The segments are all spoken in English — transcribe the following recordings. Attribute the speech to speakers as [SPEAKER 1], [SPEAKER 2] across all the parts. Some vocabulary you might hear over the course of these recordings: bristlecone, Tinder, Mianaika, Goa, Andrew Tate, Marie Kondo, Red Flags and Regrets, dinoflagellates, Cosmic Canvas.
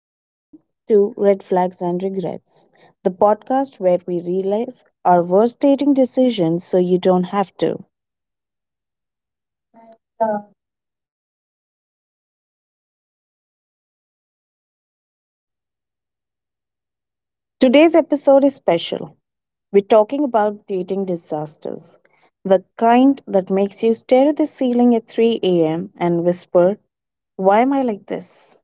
[SPEAKER 1] Welcome to Red Flags and Regrets, the podcast where we relive our worst dating decisions so you don't have to. Today's episode is special. We're talking about dating disasters, the kind that makes you stare at the ceiling at 3 a.m. and whisper, why am I like this?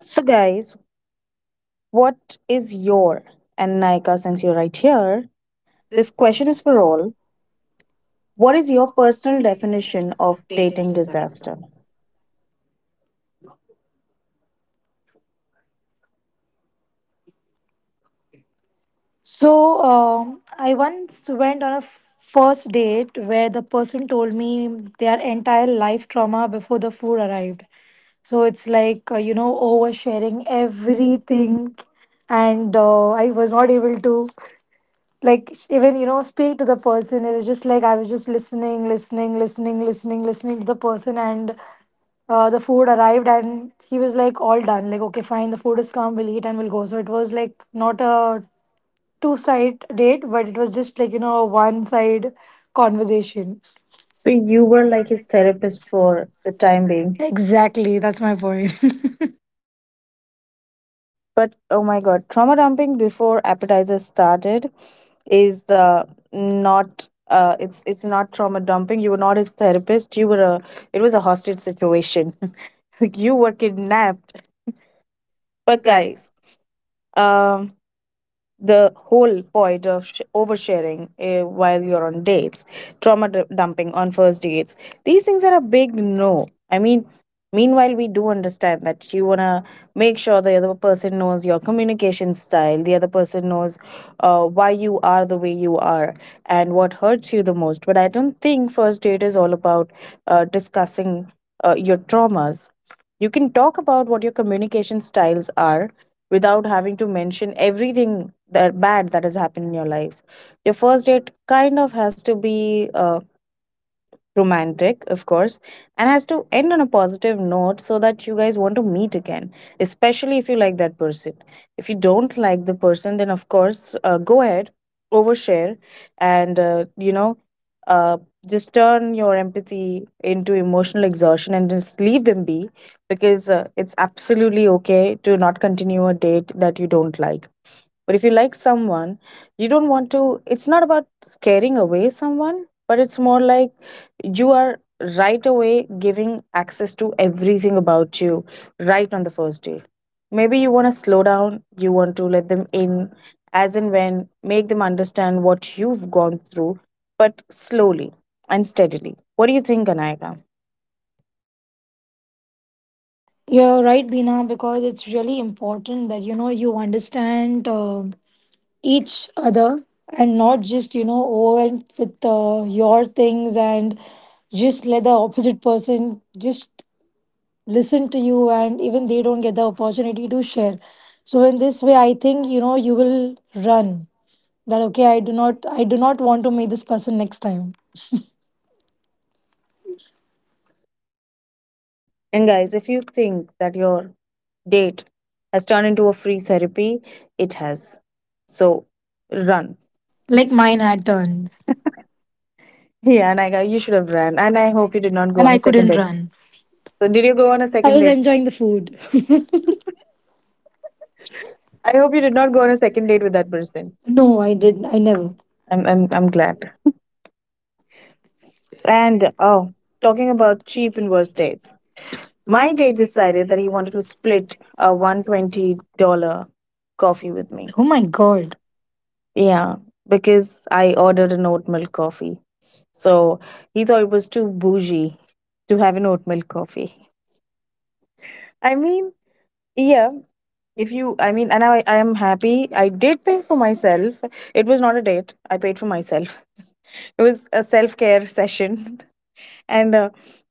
[SPEAKER 1] So, guys, what is your and Naika, since you're right here, this question is for all. What is your personal definition of dating disaster?
[SPEAKER 2] So, I once went on a first date where the person told me their entire life trauma before the food arrived. So, it's like, oversharing
[SPEAKER 1] Everything.
[SPEAKER 2] everything. And I was not able to, speak to the person. It was just like I was just listening to the person. And the food arrived and he was like all done like okay fine the food is come we'll eat and we'll go, so it was like not a two side date, but it was just like, a one side conversation.
[SPEAKER 1] So you were like his therapist for the time being.
[SPEAKER 2] Exactly, that's my point.
[SPEAKER 1] But oh my god, trauma dumping before appetizers started is not it's not trauma dumping. You were not his therapist. You were a it was a hostage situation. You were kidnapped. But guys, um the whole point of oversharing while you're on dates, trauma dumping on first dates. These things are a big no. I mean, meanwhile, we do understand that you want to make sure the other person knows your communication style, the other person knows why you are the way you are, and what hurts you the most. But I don't think first date is all about discussing your traumas. You can talk about what your communication styles are without having to mention everything that bad that has happened in your life. Your first date kind of has to be romantic, of course, and has to end on a positive note so that you guys want to meet again, especially if you like that person. If you don't like the person, then of course, go ahead, overshare, and uh, just turn your empathy into emotional exhaustion and just leave them be because it's absolutely okay to not continue a date that you don't like. But if you like someone, you don't want to, it's not about scaring away someone, but it's more like you are right away giving access to everything about you right on the first date. Maybe you want to slow down, you want to let them in as and when, make them understand what you've gone through, but slowly and steadily. What do you think, Anayaka?
[SPEAKER 2] You're right, Bina, because it's really important that you understand each other and not just overwhelmed with your things and just let the opposite person just listen to you, and even they don't get the opportunity to share. So in this way, I think you will run. That okay, I do not want to meet this person next time,
[SPEAKER 1] And guys, if you think that your date has turned into a free therapy, it has. So run
[SPEAKER 2] like
[SPEAKER 1] like
[SPEAKER 2] mine
[SPEAKER 1] mine
[SPEAKER 2] had
[SPEAKER 1] had done.
[SPEAKER 2] turned,
[SPEAKER 1] Yeah, and I go, you should have ran. And I hope you did not go
[SPEAKER 2] and
[SPEAKER 1] and on a
[SPEAKER 2] I
[SPEAKER 1] should second
[SPEAKER 2] couldn't
[SPEAKER 1] have date. Done.
[SPEAKER 2] run.
[SPEAKER 1] So did you go on a
[SPEAKER 2] I
[SPEAKER 1] second
[SPEAKER 2] was
[SPEAKER 1] date?
[SPEAKER 2] enjoying the food.
[SPEAKER 1] I hope you did not go on a second date with that person.
[SPEAKER 2] No,
[SPEAKER 1] No,
[SPEAKER 2] i
[SPEAKER 1] I did.
[SPEAKER 2] did i never.
[SPEAKER 1] I'm glad. And oh, talking about cheap and worse dates. My date decided that he wanted to split a $120 coffee with me.
[SPEAKER 2] Oh
[SPEAKER 1] Oh my
[SPEAKER 2] my god.
[SPEAKER 1] god. Yeah, because I ordered an oat milk coffee. So he thought it was too bougie to have an oat milk coffee. I mean, yeah. If you, I mean, and I am happy. I did pay for myself. It was not a date. I paid for myself. It was a self care session, and uh,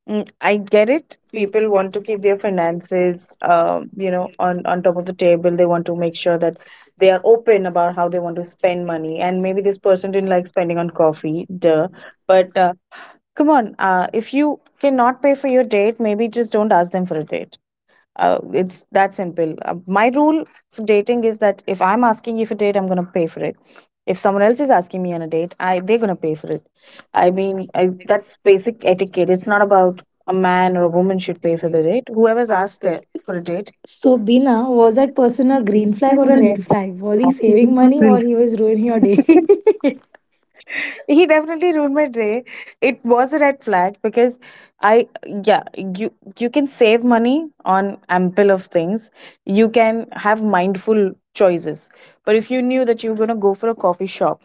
[SPEAKER 1] mm, I get it. People want to keep their finances, you know, on top of the table. They want to make sure that they are open about how they want to spend money. And maybe this person didn't like spending on coffee, duh. But come on, if you cannot pay for your date, maybe just don't ask them for a date. It's that simple. My rule for dating is that if I'm asking you for date, I'm gonna pay for it. If someone else is asking me on a date, I they're gonna pay for it. I mean, I, that's basic etiquette. It's not about a man or a woman should pay for the date. Whoever's asked there for a date.
[SPEAKER 2] So Bina, was that person a green flag or a red flag? Was he saving money
[SPEAKER 1] Will.
[SPEAKER 2] or he was ruining your day? It
[SPEAKER 1] He definitely ruined my day. It was a red flag because I yeah, you you can save money on ample of things. You can have mindful choices. But if you knew that you were gonna go for a coffee shop,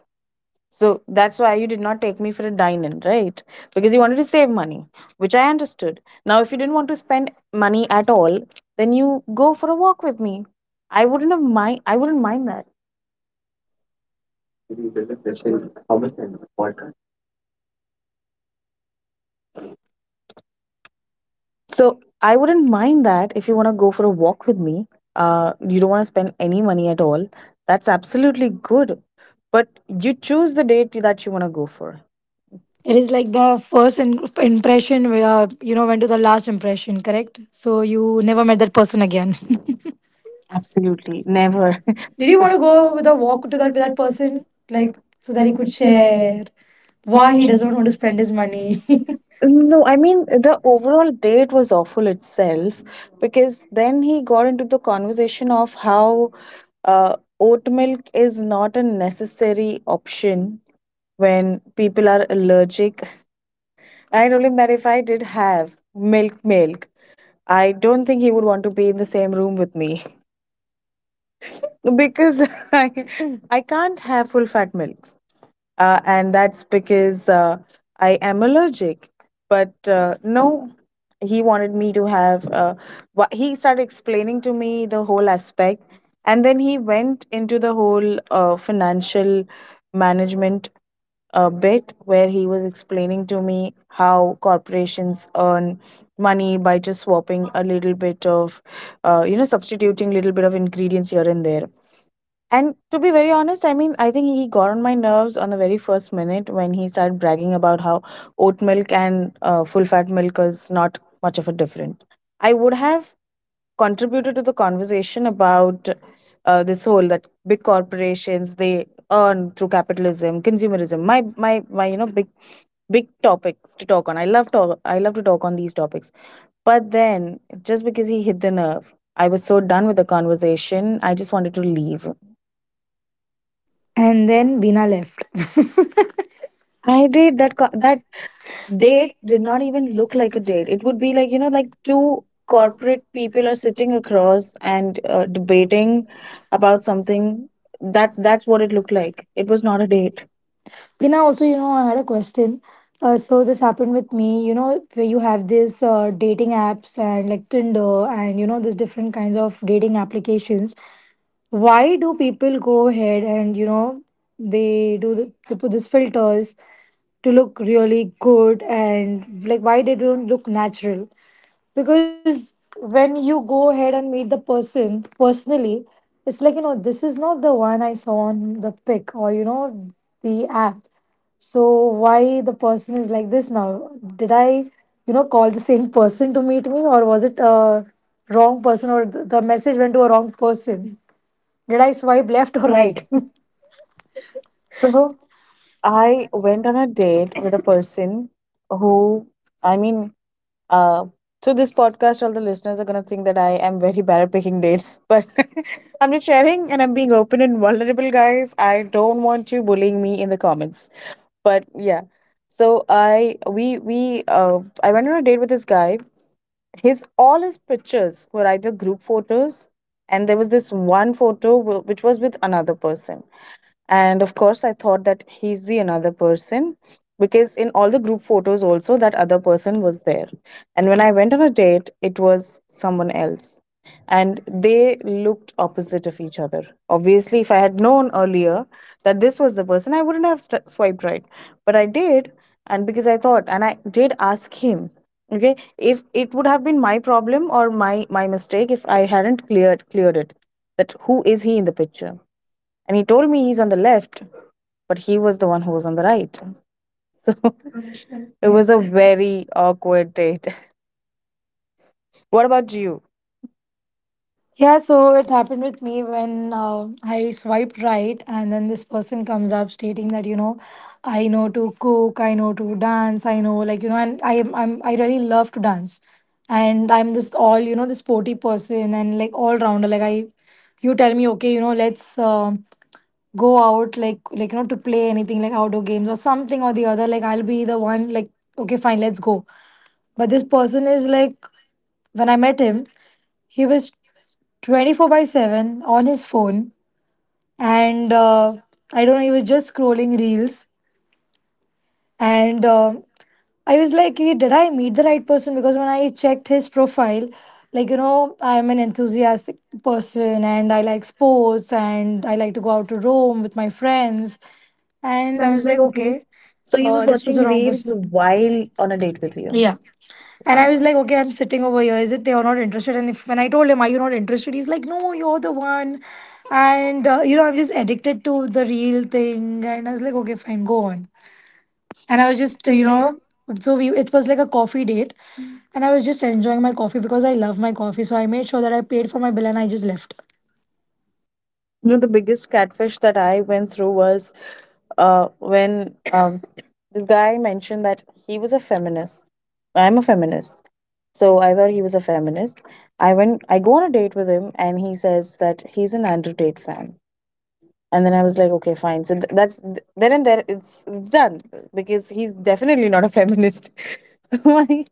[SPEAKER 1] so that's why you did not take me for a dine in, right? Because you wanted to save money, which I understood. Now if you didn't want to spend money at all, then you go for a walk with me. I wouldn't mind that. So I wouldn't mind that if you want to go for a walk with me. You don't want to spend any money at all. That's absolutely good. But you choose the date that you want to go for.
[SPEAKER 2] is like the first impression went to the last impression, correct? So you never met that person again?
[SPEAKER 1] Absolutely. Never. Do
[SPEAKER 2] Did you
[SPEAKER 1] you
[SPEAKER 2] want
[SPEAKER 1] want
[SPEAKER 2] to
[SPEAKER 1] to go on
[SPEAKER 2] go with a
[SPEAKER 1] a walk
[SPEAKER 2] walk to
[SPEAKER 1] to
[SPEAKER 2] that with that
[SPEAKER 1] that
[SPEAKER 2] person,
[SPEAKER 1] person? Like,
[SPEAKER 2] like so
[SPEAKER 1] so
[SPEAKER 2] that
[SPEAKER 1] that
[SPEAKER 2] he
[SPEAKER 1] you
[SPEAKER 2] could
[SPEAKER 1] could share.
[SPEAKER 2] share why
[SPEAKER 1] Why
[SPEAKER 2] he
[SPEAKER 1] he
[SPEAKER 2] doesn't
[SPEAKER 1] doesn't
[SPEAKER 2] want
[SPEAKER 1] want
[SPEAKER 2] to
[SPEAKER 1] to
[SPEAKER 2] spend
[SPEAKER 1] spend his
[SPEAKER 2] his money?
[SPEAKER 1] money? No, I mean the overall date was awful itself because then he got into the conversation of how oat milk is not a necessary option when people are allergic. I told him that if I did have milk, I don't think he would want to be in the same room with me because I I can't have full fat milks, and that's because I am allergic. But no, he wanted me to have. He started explaining to me the whole aspect, and then he went into the whole financial management a bit where he was explaining to me how corporations earn money by just swapping a little bit of substituting little bit of ingredients here and there and to be very honest, I mean, I think he got on my nerves on the very first minute when he started bragging about how oat milk and full fat milk is not much of a difference. I would have contributed to the conversation about this whole that big corporations they earn through capitalism, consumerism. Big big topics to talk on. I love to talk on these topics. But then, just because he hit the nerve, I was so done with the conversation. I just wanted to leave.
[SPEAKER 2] And then Bina left.
[SPEAKER 1] I did that. That date did not even look like a date. It would be like you know, like two corporate people are sitting across and debating about something. That's what it looked like. It was not a date.
[SPEAKER 2] Bina, also, I had a question. So this happened with me, where you have this dating apps and like Tinder, and there's different kinds of dating applications. Why do people go ahead and they they put these filters to look really good and like why they don't look natural? Because when you go ahead and meet the person personally, it's like this is not the one I saw on the pic or the app. So why the person is like this now? Did I, call the same person to meet me, or was it a wrong person, or the message went to a wrong person? Did I swipe
[SPEAKER 1] Left
[SPEAKER 2] left
[SPEAKER 1] or
[SPEAKER 2] or right?
[SPEAKER 1] right? So I went on a date with a person who, I mean, uh, so this podcast, all the listeners are gonna think that I am very bad at picking dates, but I'm just sharing and I'm being open and vulnerable, guys. I don't want you bullying me in the comments. But yeah, so I we I went on a date with this guy. His all his pictures were either group photos, and there was this one photo which was with another person, and of course I thought that he's the another person because in all the group photos also that other person was there. And when I went on a date, it was someone else, and they looked opposite of each other. Obviously, if I had known earlier that this was the person, I wouldn't have swiped right, but I did. And because I thought, and I did ask him, okay, if it would have been my problem or my mistake if I hadn't cleared it that who is he in the picture. And he told me he's on the left, but he was the one who was on the right. So it was a very awkward date. What about you?
[SPEAKER 2] Yeah, so it happened with me when I swiped right, and then this person comes up stating that I know to cook, I know to dance, I know like and I'm I really love to dance, and I'm this all this sporty person and like all rounder. You tell me okay, let's go out like to play anything like outdoor games or something or the other. Like I'll be the one like okay fine, let's go. But this person is like, when I met him, he was 24 by 7 on his phone. And I don't know, he was just scrolling reels. And I was like, "Hey, did I meet the right person? Because when I checked his profile, like, I'm an enthusiastic person and I like sports and I like to go out to Rome with my friends."
[SPEAKER 1] And
[SPEAKER 2] And
[SPEAKER 1] I
[SPEAKER 2] I
[SPEAKER 1] was
[SPEAKER 2] was
[SPEAKER 1] like,
[SPEAKER 2] like,
[SPEAKER 1] okay,
[SPEAKER 2] okay,
[SPEAKER 1] so
[SPEAKER 2] so
[SPEAKER 1] he was
[SPEAKER 2] this was
[SPEAKER 1] watching
[SPEAKER 2] the wrong
[SPEAKER 1] reels
[SPEAKER 2] person.
[SPEAKER 1] while on a date with you, yeah.
[SPEAKER 2] Yeah. And
[SPEAKER 1] Wow.
[SPEAKER 2] I was like, okay, I'm sitting over here. Is it they are not interested? And if when I told him, are you not interested? He's like, no, you're the one. And I'm just addicted to the real thing. And I was like, okay, fine, go on. And I
[SPEAKER 1] So
[SPEAKER 2] was
[SPEAKER 1] just
[SPEAKER 2] just,
[SPEAKER 1] you know,
[SPEAKER 2] so we it was like a coffee date, and I was just enjoying my coffee because I love my coffee. So I made sure that I paid for my bill and I just left.
[SPEAKER 1] you know, the biggest catfish that I went through was when this guy mentioned that he was a feminist. I'm a feminist. So I thought he was a feminist. I go on a date with him, and he says that he's an Andrew Tate fan. And then I was like, okay, fine, so there and there, it's done because he's definitely not a feminist. So I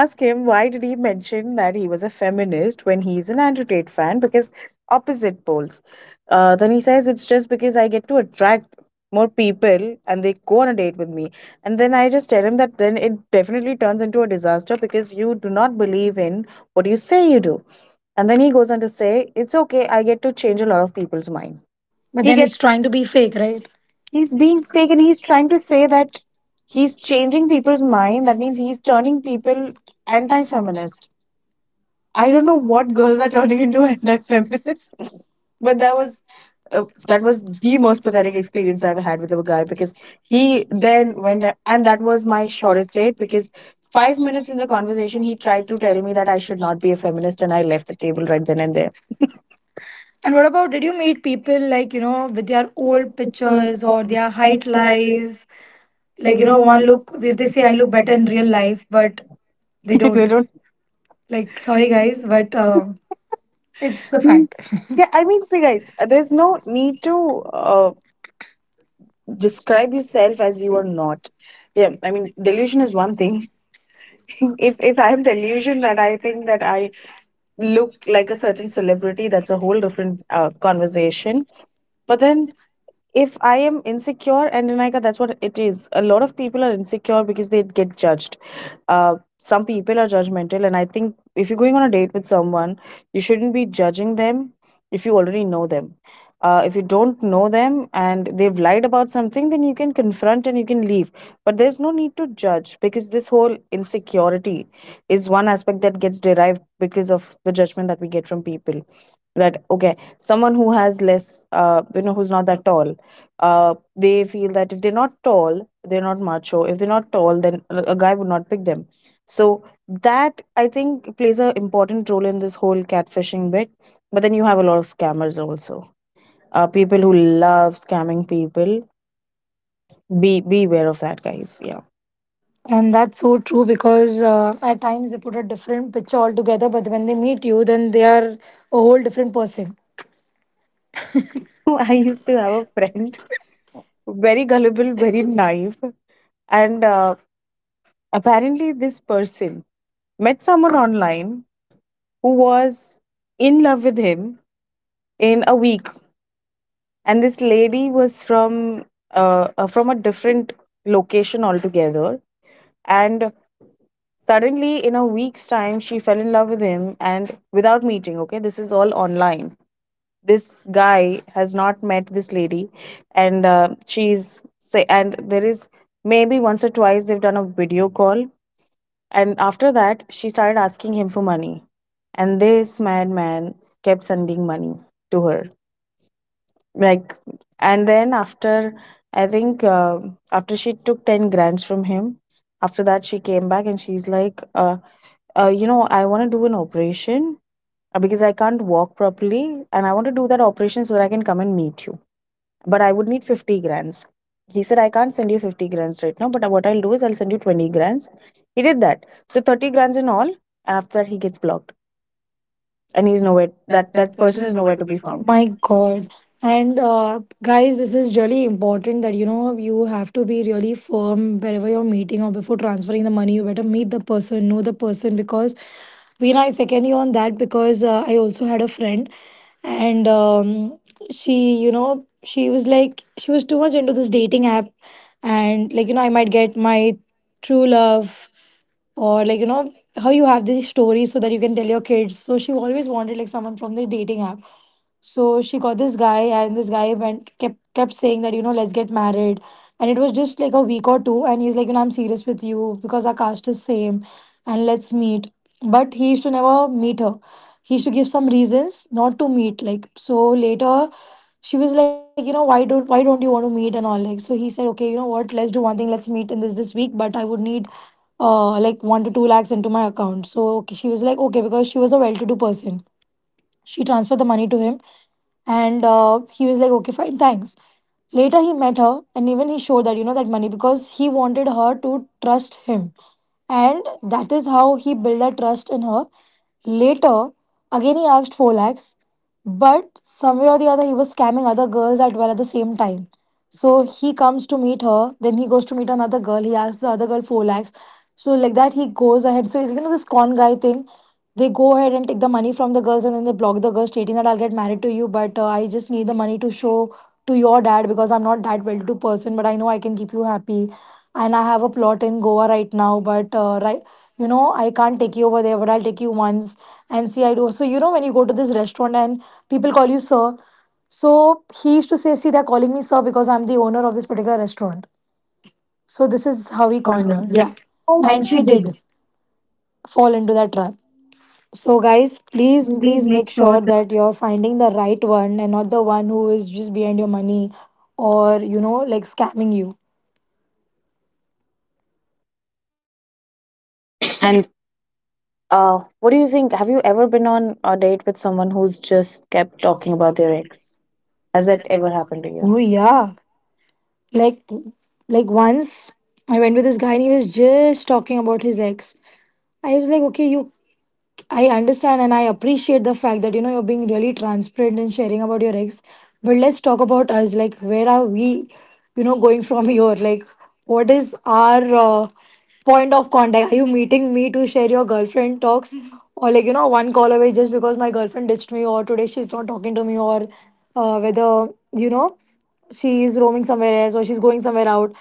[SPEAKER 1] ask him why did he mention that he was a feminist when he's an anti-Tate fan because opposite poles. Then he says it's just because I get to attract more people and they go on a date with me. And then I just tell him that then it definitely turns into a disaster because you do not believe in what you say you do. And then he goes on to say it's okay, I get to change a lot of people's mind.
[SPEAKER 2] But
[SPEAKER 1] he
[SPEAKER 2] then it's
[SPEAKER 1] gets
[SPEAKER 2] trying to be fake, right?
[SPEAKER 1] he's being fake and he's trying to say that he's changing people's mind. That means he's turning people anti-feminist. I don't know what girls are turning into, anti-feminist. But that was uh, the most pathetic experience I've had with a guy because he then went and that was my shortest date because 5 minutes in the conversation he tried to tell me that I should not be a feminist, and I left the table right then and there.
[SPEAKER 2] And what about, did you meet people like, with their old pictures or their height lies? Like,
[SPEAKER 1] Like, one
[SPEAKER 2] one
[SPEAKER 1] look,
[SPEAKER 2] look,
[SPEAKER 1] they
[SPEAKER 2] if
[SPEAKER 1] they
[SPEAKER 2] they say
[SPEAKER 1] say I
[SPEAKER 2] I look
[SPEAKER 1] look better
[SPEAKER 2] better in
[SPEAKER 1] in
[SPEAKER 2] real
[SPEAKER 1] real life,
[SPEAKER 2] life,
[SPEAKER 1] but
[SPEAKER 2] but
[SPEAKER 1] they
[SPEAKER 2] they
[SPEAKER 1] they
[SPEAKER 2] don't.
[SPEAKER 1] don't. Like,
[SPEAKER 2] Like,
[SPEAKER 1] very.
[SPEAKER 2] sorry guys,
[SPEAKER 1] Well,
[SPEAKER 2] but
[SPEAKER 1] but
[SPEAKER 2] it's
[SPEAKER 1] it's.
[SPEAKER 2] the fact.
[SPEAKER 1] Yeah, I mean, see, guys, there's no need to uh, describe yourself as you are not. Yeah, I mean, delusion is one thing. If I'm delusion that I think that I look like a certain celebrity, that's a whole different conversation. But then, if I am insecure, and Renika, that's what it is. A lot of people are insecure because they get judged. Some people are judgmental, and I think if you're going on a date with someone, you shouldn't be judging them if you already know them. If you don't know them and they've lied about something, then you can confront and you can leave. But there's no need to judge because this whole insecurity is one aspect that gets derived because of the judgment that we get from people. That, okay, someone who has less, who's not that tall, they feel that if they're not tall, they're not macho. If they're not tall, then a guy would not pick them. So that I think plays a important role in this whole catfishing bit. But then you have a lot of scammers also. People who love scamming people. Be Beware of that, guys. Yeah.
[SPEAKER 2] And that's so true because at times they put a different picture altogether, but when they meet you, then they are a whole different person.
[SPEAKER 1] I used to have a friend, very gullible, very naive, and apparently this person met someone online who was in love with him in a week. And this lady was from a different location altogether. And suddenly, in a week's time, she fell in love with him, and without meeting. Okay, this is all online. This guy has not met this lady. And she's say, and there is maybe once or twice they've done a video call. And after that, she started asking him for money, and this madman kept sending money to her, like. And then after, I think, after she took 10 grants from him, after that she came back and she's like, you know, I want to do an operation, because I can't walk properly and I want to do that operation so that I can come and meet you, but I would need 50 grants. He said, I can't send you 50 grants right now, but what I'll do is I'll send you 20 grants. He did that, so 30 grants in all, and after that he gets blocked and he's nowhere. That person is nowhere to be found.
[SPEAKER 2] My God. And guys, this is really important that you have to be really firm wherever you're meeting or before transferring the money. You better meet the person, know the person. Because Veena, I second you on that because I also had a friend, and she, she was like, she was too much into this dating app, and like, I might get my true love, or like how you have these stories so that you can tell your kids. So she always wanted like someone from the dating app. So she got this guy, and this guy went kept saying that let's get married, and it was just like a week or two, and he's like I'm serious with you because our caste is same, and let's meet. But he used to never meet her. He used to give some reasons not to meet. Like so later, she was like why don't you want to meet and all. Like so he said okay, what, let's do one thing, let's meet in this this week, but I would need like one to two lakhs into my account. So okay, she was like, okay, because she was a well to do person. She transferred the money to him, and he was like, okay, fine, thanks. Later, he met her, and even he showed that that money, because he wanted her to trust him, and that is how he built that trust in her. Later, again he asked 4 lakhs, but somewhere or the other he was scamming other girls as well at the same time. So he comes to meet her, then he goes to meet another girl, he asks the other girl 4 lakhs. So, like that, he goes ahead. So, this con guy thing, they go ahead and take the money from the girls and then they block the girl, stating that I'll get married to you, but I just need the money to show to your dad because I'm not that well to do person, but I know I can keep you happy. And I have a plot in Goa right now, but right, I can't take you over there, but I'll take you once and see. I do so, when you go to this restaurant and people call you sir, so he used to say, "See, they're calling me sir because I'm the owner of this particular restaurant." So, this is how
[SPEAKER 1] Marie
[SPEAKER 2] he conned
[SPEAKER 1] Kondo.
[SPEAKER 2] her,
[SPEAKER 1] Yeah,
[SPEAKER 2] yeah.
[SPEAKER 1] and
[SPEAKER 2] And
[SPEAKER 1] she
[SPEAKER 2] she
[SPEAKER 1] did.
[SPEAKER 2] did fall into that trap. So, guys,
[SPEAKER 1] Please,
[SPEAKER 2] please,
[SPEAKER 1] please
[SPEAKER 2] please make
[SPEAKER 1] make sure
[SPEAKER 2] sure
[SPEAKER 1] that.
[SPEAKER 2] that you're finding the right one and not the one who is just behind your money or, like scamming you.
[SPEAKER 1] And what do you think? Have you ever been on a date with someone who's just kept talking about their ex? Has that ever happened to you?
[SPEAKER 2] Oh,
[SPEAKER 1] Oh, yeah.
[SPEAKER 2] yeah. Like, like once I went with this guy and he was just talking about his ex. I was like, okay, you, I understand and I appreciate the fact that you're being really transparent and sharing about your ex. But let's talk about us. Like, where are we, going from here? Like, what is our point of contact? Are you meeting me to share your girlfriend talks, or like one call away just because my girlfriend ditched me, or today she's not talking to me, or whether she is roaming somewhere else or she's going somewhere out?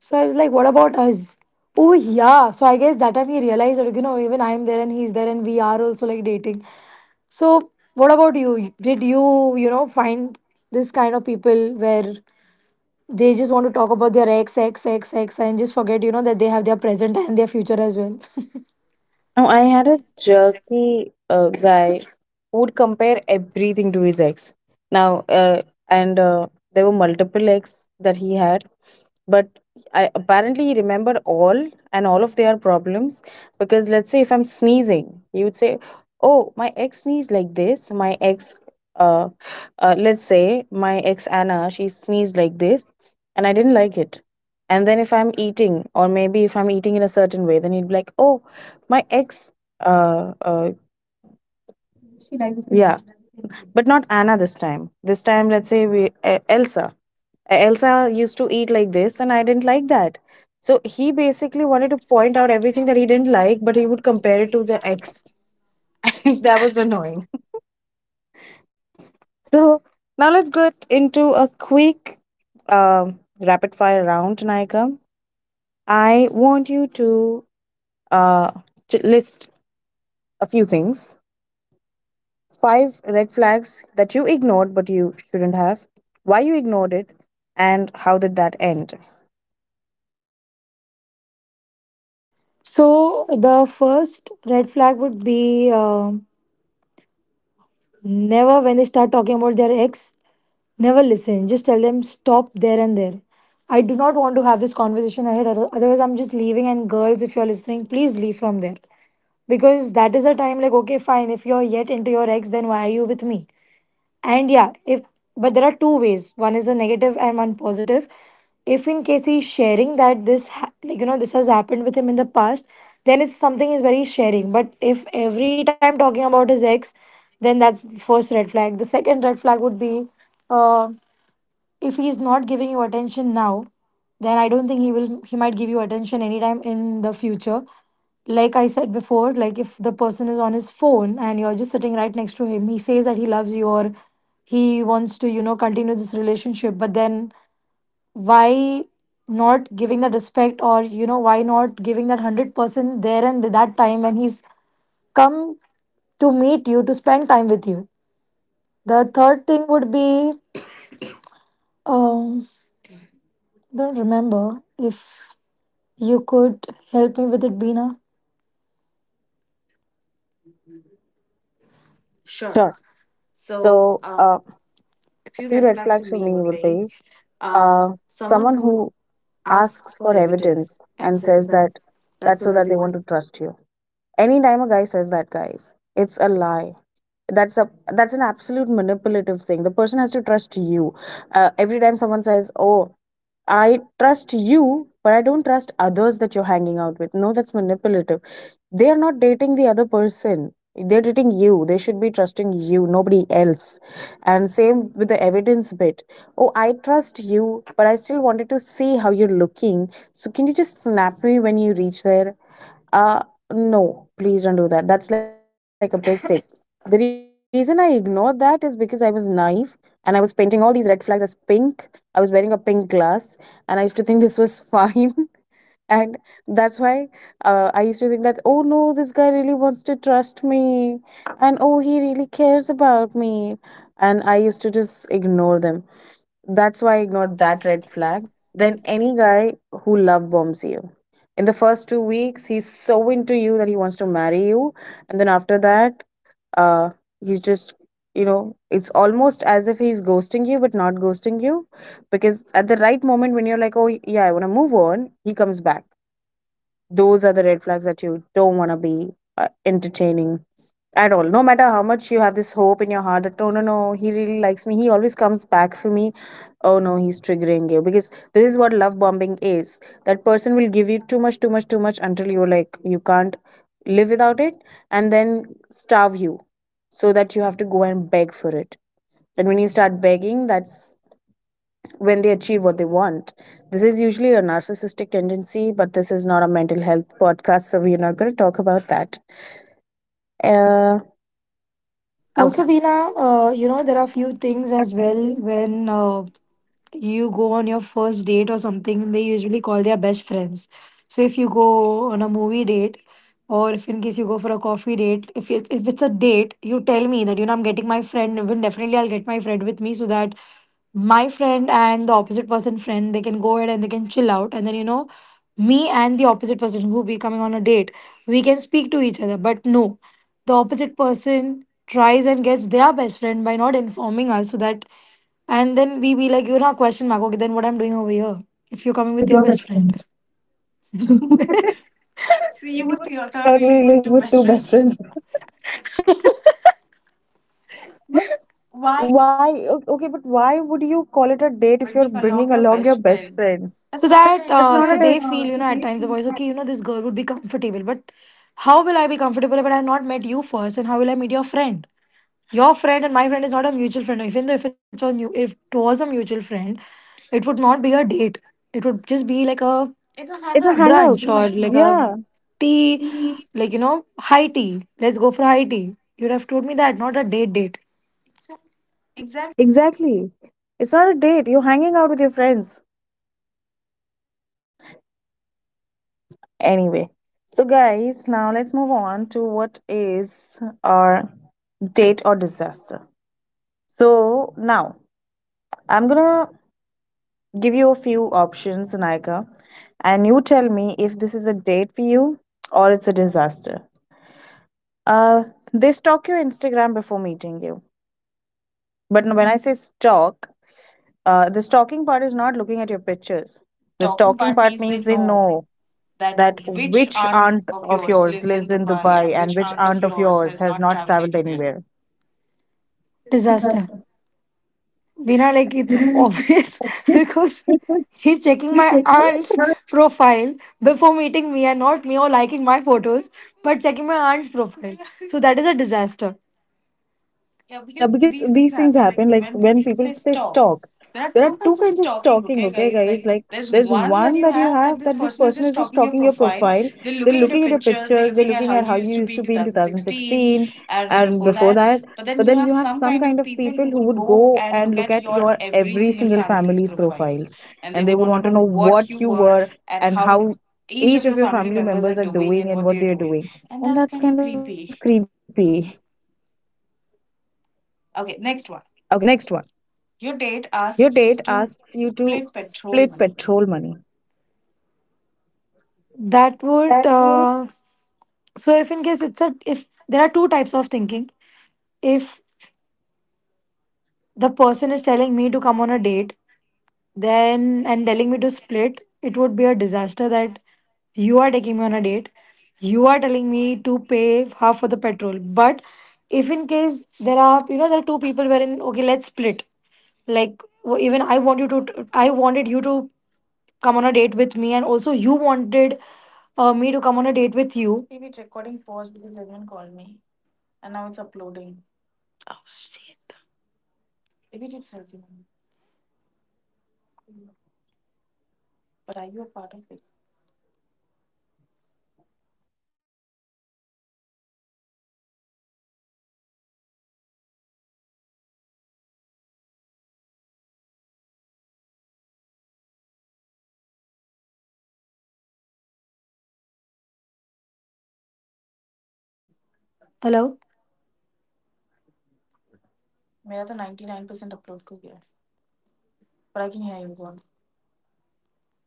[SPEAKER 2] So I was like, what about us? Oh yeah. So I guess that time he realized that even I am there and he's there and we are also like dating. So what about you? Did you, you know find this kind of people where they just want to talk about their ex, ex, ex, ex, and just forget that they have their present and their future as well.
[SPEAKER 1] No, I had a jerky guy who would compare everything to his ex. Now, and there were multiple ex that he had, but I apparently he remembered all and all of their problems because let's say if I'm sneezing, he would say, "Oh, my ex sneezed like this. My ex, uh, let's say my ex Anna, she sneezed like this, and I didn't like it." And then if I'm eating, or maybe if I'm eating in a certain way, then he'd be like, "Oh. My ex, uh, uh, she likes this, yeah, but not Anna this time. This time, let's say we Elsa. Elsa used to eat like this, and I didn't like that." So he basically wanted to point out everything that he didn't like, but he would compare it to the ex. That was annoying. So now let's get into a quick rapid fire round, Naika. I want you uh to list a few things five red flags that you ignored but you shouldn't have, why you ignored it, and how did that end?
[SPEAKER 2] So the first red flag would be never when they start talking about their ex. Never listen. Just tell them stop there and there. I do not want to have this conversation ahead. Otherwise, I'm just leaving. And girls, if you're listening, please leave from there. Because that is a time like, okay, fine. If you're yet into your ex, then why are you with me? And yeah, if but there are two ways. One is a negative and one positive. If in case he's sharing that like you know this has happened with him in the past, then it's something is very sharing. But if every time talking about his ex, then that's the first red flag. The second red flag would be uh if he's not giving you attention now, then I don't think he will he might give you attention anytime in the future. Like I said before, like if the person is on his phone and you're just sitting right next to him, he says that he loves you or he wants to, you know, continue this relationship, but then why not giving that respect or why not giving that 100% there and that time when he's come to meet you to spend time with you the third thing would be um, I don't remember if you could help me with it, Beena.
[SPEAKER 1] Sure. So, a few red flags for me would be uh, someone who asks for evidence and says that that's so that they want to trust you. Anytime a guy says that, guys, it's a lie. That's a that's an absolute manipulative thing. The person has to trust you. Every time someone says, "Oh, I trust you, but I don't trust others that you're hanging out with." No, that's manipulative. They are not dating the other person. They're dating you. They should be trusting you, nobody else. And same with the evidence bit. "Oh, I trust you, but I still wanted to see how you're looking. So can you just snap me when you reach there?" Uh, no, please don't do that. That's like a big thing. The reason I ignored that is because I was naive and I was painting all these red flags as pink. I was wearing a pink glass and I used to think this was fine. And that's why I used to think that, oh no, this guy really wants to trust me. And oh, he really cares about me. And I used to just ignore them. That's why I ignored that red flag. Then any guy who love bombs you. In the first 2 weeks, he's so into you that he wants to marry you. And then after that, uh, he's just, you know, it's almost as if he's ghosting you, but not ghosting you. Because at the right moment when you're like, oh, yeah, I want to move on, he comes back. Those are the red flags that you don't want to be entertaining at all. No matter how much you have this hope in your heart that, oh no, no, he really likes me. He always comes back for me. Oh no, he's triggering you. Because this is what love bombing is. That person will give you too much, too much, too much until you're like, you can't live without it and then starve you so that you have to go and beg for it. And when you start begging, that's when they achieve what they want. This is usually a narcissistic tendency, but this is not a mental health podcast, so we're not going to talk about that. Uh, okay.
[SPEAKER 2] Also, Beena, you know, there are few things as well when you go on your first date or something, they usually call their best friends. So if you go on a movie date, or if in case you go for a coffee date, if it's a date, you tell me that you know I'm getting my friend. Then definitely I'll get my friend with me so that my friend and the opposite person friend, they can go ahead and they can chill out, and then you know me and the opposite person who will be coming on a date, we can speak to each other. But no, the opposite person tries and gets their best friend by not informing us so that and then we be like, you're not question mark. Okay, then what I'm doing over here? If you're
[SPEAKER 1] You're
[SPEAKER 2] coming
[SPEAKER 1] coming
[SPEAKER 2] with
[SPEAKER 1] with
[SPEAKER 2] your
[SPEAKER 1] your
[SPEAKER 2] best
[SPEAKER 1] best friend.
[SPEAKER 2] friend.
[SPEAKER 1] Not really with two best friends. Why? Okay, but why would you call it a date if you're bringing along your best friend?
[SPEAKER 2] So
[SPEAKER 1] That's
[SPEAKER 2] that
[SPEAKER 1] not a
[SPEAKER 2] so they feel, you
[SPEAKER 1] date.
[SPEAKER 2] know, at times the boys, okay, you know, this girl would be comfortable, but how will I be comfortable if I've not met you first? And how will I meet your friend? Your friend and my friend is not a mutual friend, even though if it's a if it was a mutual friend, it would not be a date, it would just be like a, it's a
[SPEAKER 1] It's a
[SPEAKER 2] hangout brunch
[SPEAKER 1] hangout.
[SPEAKER 2] or like a tea,
[SPEAKER 1] Yeah.
[SPEAKER 2] like you know, high tea. Let's go for high tea. You'd have told me that, not a date date.
[SPEAKER 1] Exactly. It's not a date. You're hanging out with your friends. Anyway, so guys, now let's move on to what is our date or disaster. So now I'm gonna give you a few options, Naika, and you tell me if this is a date for you or it's a disaster. Uh, they stalk your Instagram before meeting you. But when I say stalk, the stalking part is not looking at your pictures. The stalking part means they know that which aunt of yours lives in Dubai and which aunt of yours has not traveled anywhere.
[SPEAKER 2] Disaster, Bina, like it's obvious, because he's checking my aunt's profile before meeting me and not me or liking my photos, but checking my aunt's profile. So that is a disaster.
[SPEAKER 1] Yeah, because these things happen like when people say stalk. There are two kinds of stalking, okay, guys? Like, there's one that you have that this person is just stalking your profile. They're looking at your pictures, they're looking at how you used to be in 2016 and before that. But then you have some kind of people who would go and look at your every single family's profiles and they would want to know what you were and how each of your family members are doing and what they're doing. And that's kind of creepy. Okay, next one. Your date asks you to split petrol money.
[SPEAKER 2] That would so if in case it's a, if there are two types of thinking. If the person is telling me to come on a date, then and telling me to split, it would be a disaster that you are taking me on a date. You are telling me to pay half for the petrol. But if in case there are, you know, there are two people wherein okay, let's split, like even I wanted you to come on a date with me, and also you wanted me to come on a date with you. Oh shit. Hello.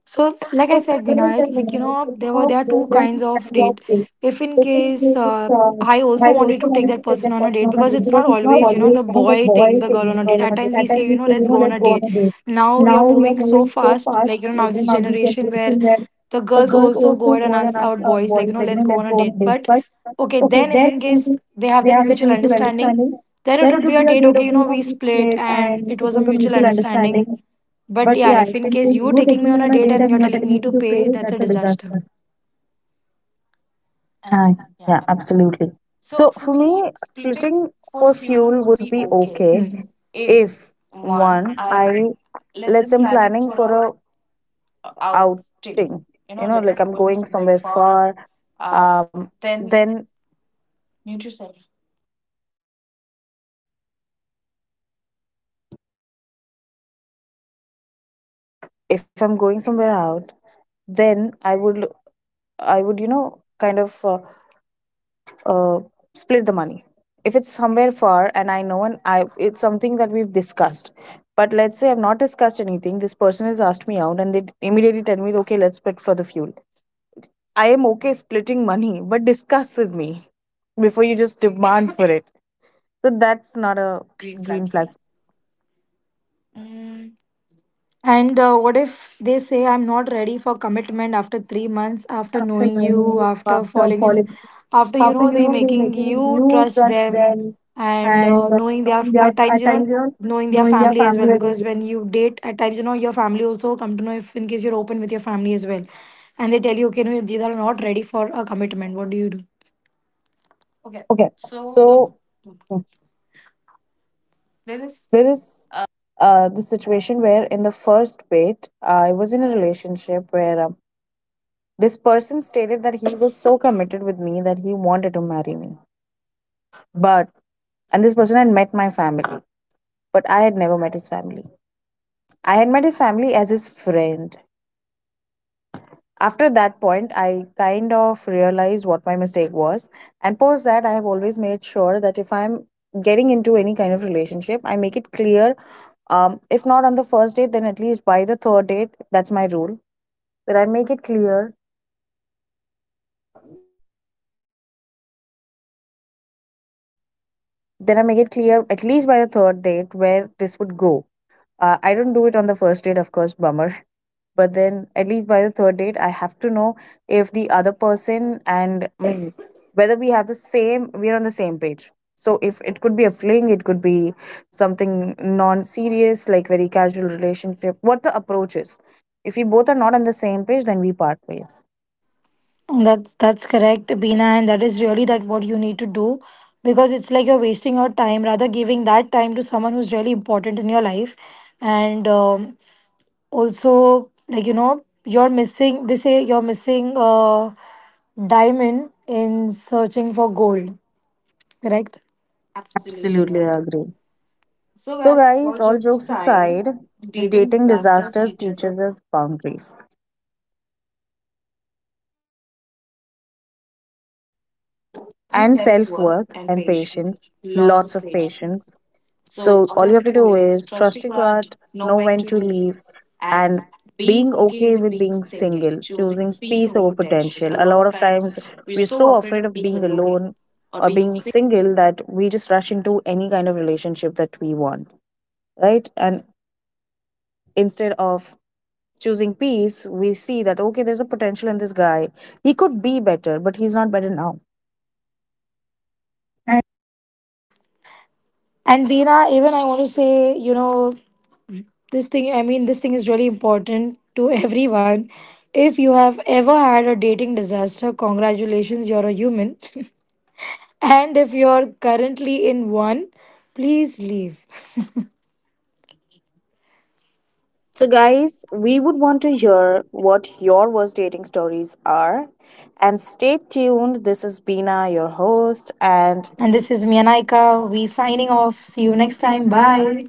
[SPEAKER 2] So,
[SPEAKER 1] So
[SPEAKER 2] like
[SPEAKER 1] there
[SPEAKER 2] I said,
[SPEAKER 1] is a
[SPEAKER 2] Vinay, like you
[SPEAKER 1] difference
[SPEAKER 2] know,
[SPEAKER 1] of
[SPEAKER 2] there are two
[SPEAKER 1] than
[SPEAKER 2] kinds
[SPEAKER 1] kind
[SPEAKER 2] of
[SPEAKER 1] of
[SPEAKER 2] date.
[SPEAKER 1] thing.
[SPEAKER 2] If
[SPEAKER 1] The
[SPEAKER 2] in
[SPEAKER 1] thing is,
[SPEAKER 2] case I
[SPEAKER 1] I
[SPEAKER 2] also
[SPEAKER 1] also
[SPEAKER 2] wanted to
[SPEAKER 1] wanted
[SPEAKER 2] take
[SPEAKER 1] to
[SPEAKER 2] that
[SPEAKER 1] take that
[SPEAKER 2] person on a
[SPEAKER 1] person on
[SPEAKER 2] date,
[SPEAKER 1] a date
[SPEAKER 2] because it's
[SPEAKER 1] because
[SPEAKER 2] not
[SPEAKER 1] it's not
[SPEAKER 2] always you
[SPEAKER 1] always,
[SPEAKER 2] know the
[SPEAKER 1] you know, the
[SPEAKER 2] boy
[SPEAKER 1] boy
[SPEAKER 2] takes the
[SPEAKER 1] taking the
[SPEAKER 2] girl on a
[SPEAKER 1] girl on
[SPEAKER 2] date.
[SPEAKER 1] a
[SPEAKER 2] At
[SPEAKER 1] date.
[SPEAKER 2] times
[SPEAKER 1] At
[SPEAKER 2] we
[SPEAKER 1] times
[SPEAKER 2] say,
[SPEAKER 1] we
[SPEAKER 2] you
[SPEAKER 1] say,
[SPEAKER 2] know,
[SPEAKER 1] you
[SPEAKER 2] let's
[SPEAKER 1] know,
[SPEAKER 2] go
[SPEAKER 1] let's
[SPEAKER 2] on a
[SPEAKER 1] go on a
[SPEAKER 2] date.
[SPEAKER 1] date.
[SPEAKER 2] Now we
[SPEAKER 1] Now
[SPEAKER 2] are
[SPEAKER 1] we are
[SPEAKER 2] moving
[SPEAKER 1] moving
[SPEAKER 2] so
[SPEAKER 1] so
[SPEAKER 2] fast,
[SPEAKER 1] fast,
[SPEAKER 2] like you know,
[SPEAKER 1] like,
[SPEAKER 2] now
[SPEAKER 1] you know,
[SPEAKER 2] this
[SPEAKER 1] now
[SPEAKER 2] generation
[SPEAKER 1] generation
[SPEAKER 2] where
[SPEAKER 1] where
[SPEAKER 2] the
[SPEAKER 1] the
[SPEAKER 2] girls
[SPEAKER 1] girls
[SPEAKER 2] also go
[SPEAKER 1] also
[SPEAKER 2] ahead
[SPEAKER 1] go
[SPEAKER 2] and
[SPEAKER 1] out and
[SPEAKER 2] ask
[SPEAKER 1] ask
[SPEAKER 2] out
[SPEAKER 1] our
[SPEAKER 2] boys, like
[SPEAKER 1] boys,
[SPEAKER 2] you know,
[SPEAKER 1] like, you
[SPEAKER 2] let's
[SPEAKER 1] know,
[SPEAKER 2] go
[SPEAKER 1] let's
[SPEAKER 2] on a
[SPEAKER 1] go on
[SPEAKER 2] date.
[SPEAKER 1] a date.
[SPEAKER 2] But
[SPEAKER 1] But
[SPEAKER 2] okay,
[SPEAKER 1] okay,
[SPEAKER 2] then if
[SPEAKER 1] their
[SPEAKER 2] in
[SPEAKER 1] difference
[SPEAKER 2] case
[SPEAKER 1] is
[SPEAKER 2] they have
[SPEAKER 1] they
[SPEAKER 2] that
[SPEAKER 1] have that
[SPEAKER 2] mutual
[SPEAKER 1] mutual
[SPEAKER 2] understanding,
[SPEAKER 1] understanding.
[SPEAKER 2] then it
[SPEAKER 1] Then
[SPEAKER 2] would
[SPEAKER 1] it
[SPEAKER 2] be a
[SPEAKER 1] would be a.
[SPEAKER 2] date.
[SPEAKER 1] Okay,
[SPEAKER 2] Okay, you
[SPEAKER 1] you
[SPEAKER 2] know,
[SPEAKER 1] know,
[SPEAKER 2] we
[SPEAKER 1] we
[SPEAKER 2] split
[SPEAKER 1] played
[SPEAKER 2] and
[SPEAKER 1] and
[SPEAKER 2] it
[SPEAKER 1] it
[SPEAKER 2] was
[SPEAKER 1] was
[SPEAKER 2] a
[SPEAKER 1] a
[SPEAKER 2] mutual
[SPEAKER 1] mutual
[SPEAKER 2] understanding.
[SPEAKER 1] understanding.
[SPEAKER 2] But
[SPEAKER 1] But
[SPEAKER 2] yeah,
[SPEAKER 1] yeah,
[SPEAKER 2] if
[SPEAKER 1] if
[SPEAKER 2] in
[SPEAKER 1] in
[SPEAKER 2] case
[SPEAKER 1] case
[SPEAKER 2] you
[SPEAKER 1] you
[SPEAKER 2] taking
[SPEAKER 1] taking
[SPEAKER 2] me on
[SPEAKER 1] me
[SPEAKER 2] a
[SPEAKER 1] on a
[SPEAKER 2] date
[SPEAKER 1] date
[SPEAKER 2] and
[SPEAKER 1] and
[SPEAKER 2] you're
[SPEAKER 1] you're
[SPEAKER 2] telling
[SPEAKER 1] telling
[SPEAKER 2] me
[SPEAKER 1] me
[SPEAKER 2] to
[SPEAKER 1] to
[SPEAKER 2] pay,
[SPEAKER 1] pay,
[SPEAKER 2] that's a
[SPEAKER 1] that's a
[SPEAKER 2] disaster.
[SPEAKER 1] disaster. Ah, yeah, absolutely. So for me, splitting
[SPEAKER 2] For
[SPEAKER 1] for
[SPEAKER 2] fuel
[SPEAKER 1] fuel
[SPEAKER 2] would
[SPEAKER 1] would
[SPEAKER 2] be
[SPEAKER 1] be
[SPEAKER 2] okay.
[SPEAKER 1] okay.
[SPEAKER 2] Hmm.
[SPEAKER 1] Mm. If one, I let's say I'm planning for a outing, you know, like I'm going somewhere far. Um, then if I'm going somewhere out, then I would, you know, kind of uh, split the money if it's somewhere far and I know and I it's something that we've discussed. But let's say I've not discussed anything, this person has asked me out and they immediately tell me, okay, let's split for the fuel. I am okay splitting money, but discuss with me before you just demand for it. So that's not a green flag.
[SPEAKER 2] And what if they say I'm not ready for commitment after 3 months,
[SPEAKER 1] Months.
[SPEAKER 2] after
[SPEAKER 1] After
[SPEAKER 2] knowing
[SPEAKER 1] knowing
[SPEAKER 2] you,
[SPEAKER 1] you,
[SPEAKER 2] after
[SPEAKER 1] after
[SPEAKER 2] falling in,
[SPEAKER 1] following,
[SPEAKER 2] after you
[SPEAKER 1] after,
[SPEAKER 2] know
[SPEAKER 1] you
[SPEAKER 2] they
[SPEAKER 1] know, they're
[SPEAKER 2] making
[SPEAKER 1] making
[SPEAKER 2] you
[SPEAKER 1] you
[SPEAKER 2] trust
[SPEAKER 1] trust
[SPEAKER 2] them,
[SPEAKER 1] them,
[SPEAKER 2] and
[SPEAKER 1] and
[SPEAKER 2] knowing their
[SPEAKER 1] knowing their
[SPEAKER 2] at
[SPEAKER 1] at
[SPEAKER 2] times you know
[SPEAKER 1] times, you know,
[SPEAKER 2] knowing their
[SPEAKER 1] knowing their
[SPEAKER 2] family as well,
[SPEAKER 1] family as well.
[SPEAKER 2] because when you date at times you know your family also come to know if in case you're open with your family as well, and they tell you okay no they are not ready for a commitment. What do you do?
[SPEAKER 1] Okay, so there is, the situation where in the first date, I was in a relationship where this person stated that he was so committed with me that he wanted to marry me. But and this person had met my family, but I had never met his family. I had met his family as his friend. After that point, I kind of realized what my mistake was. And post that, I have always made sure that if I'm getting into any kind of relationship, I make it clear. If not on the first date, then at least by the third date, that's my rule. That I make it clear. Then I make it clear at least by the third date where this would go. I don't do it on the first date, of course, bummer. But then, at least by the third date, I have to know if the other person and whether we're on the same page. So, if it could be a fling, it could be something non serious, like very casual relationship, what the approach is. If we both are not on the same page, then we part ways.
[SPEAKER 2] That's correct, Beena, and that is really that what you need to do, because it's like you're wasting your time rather giving that time to someone who's really important in your life, and also like you know you're missing. They say you're missing a diamond in searching for gold, correct?
[SPEAKER 1] Absolutely, I agree. So, guys, all jokes aside, dating disasters teaches us boundaries and self worth and patience, lots of patience. So, all you have to do is trust your God, know when to leave, and being okay with being single, choosing peace over potential. A lot of times, we're so afraid of being alone or being single that we just rush into any kind of relationship that we want, right? And instead of choosing peace, we see that, okay, there's a potential in this guy. He could be better, but he's not better now.
[SPEAKER 2] And Beena, even I want to say, you know, this thing. I mean this thing is really important to everyone. If you have ever had a dating disaster, congratulations, you're a human. And if you're currently in one, please leave.
[SPEAKER 1] So, guys, we would want to hear what your worst dating stories are. And stay tuned. This is Bina, your host. And
[SPEAKER 2] And this
[SPEAKER 1] this
[SPEAKER 2] is
[SPEAKER 1] is Vinaika.
[SPEAKER 2] Mianaika.
[SPEAKER 1] We'll
[SPEAKER 2] We
[SPEAKER 1] be
[SPEAKER 2] signing
[SPEAKER 1] signing off.
[SPEAKER 2] off.
[SPEAKER 1] See
[SPEAKER 2] See
[SPEAKER 1] you
[SPEAKER 2] you next
[SPEAKER 1] next time.
[SPEAKER 2] time.
[SPEAKER 1] Bye.
[SPEAKER 2] Bye.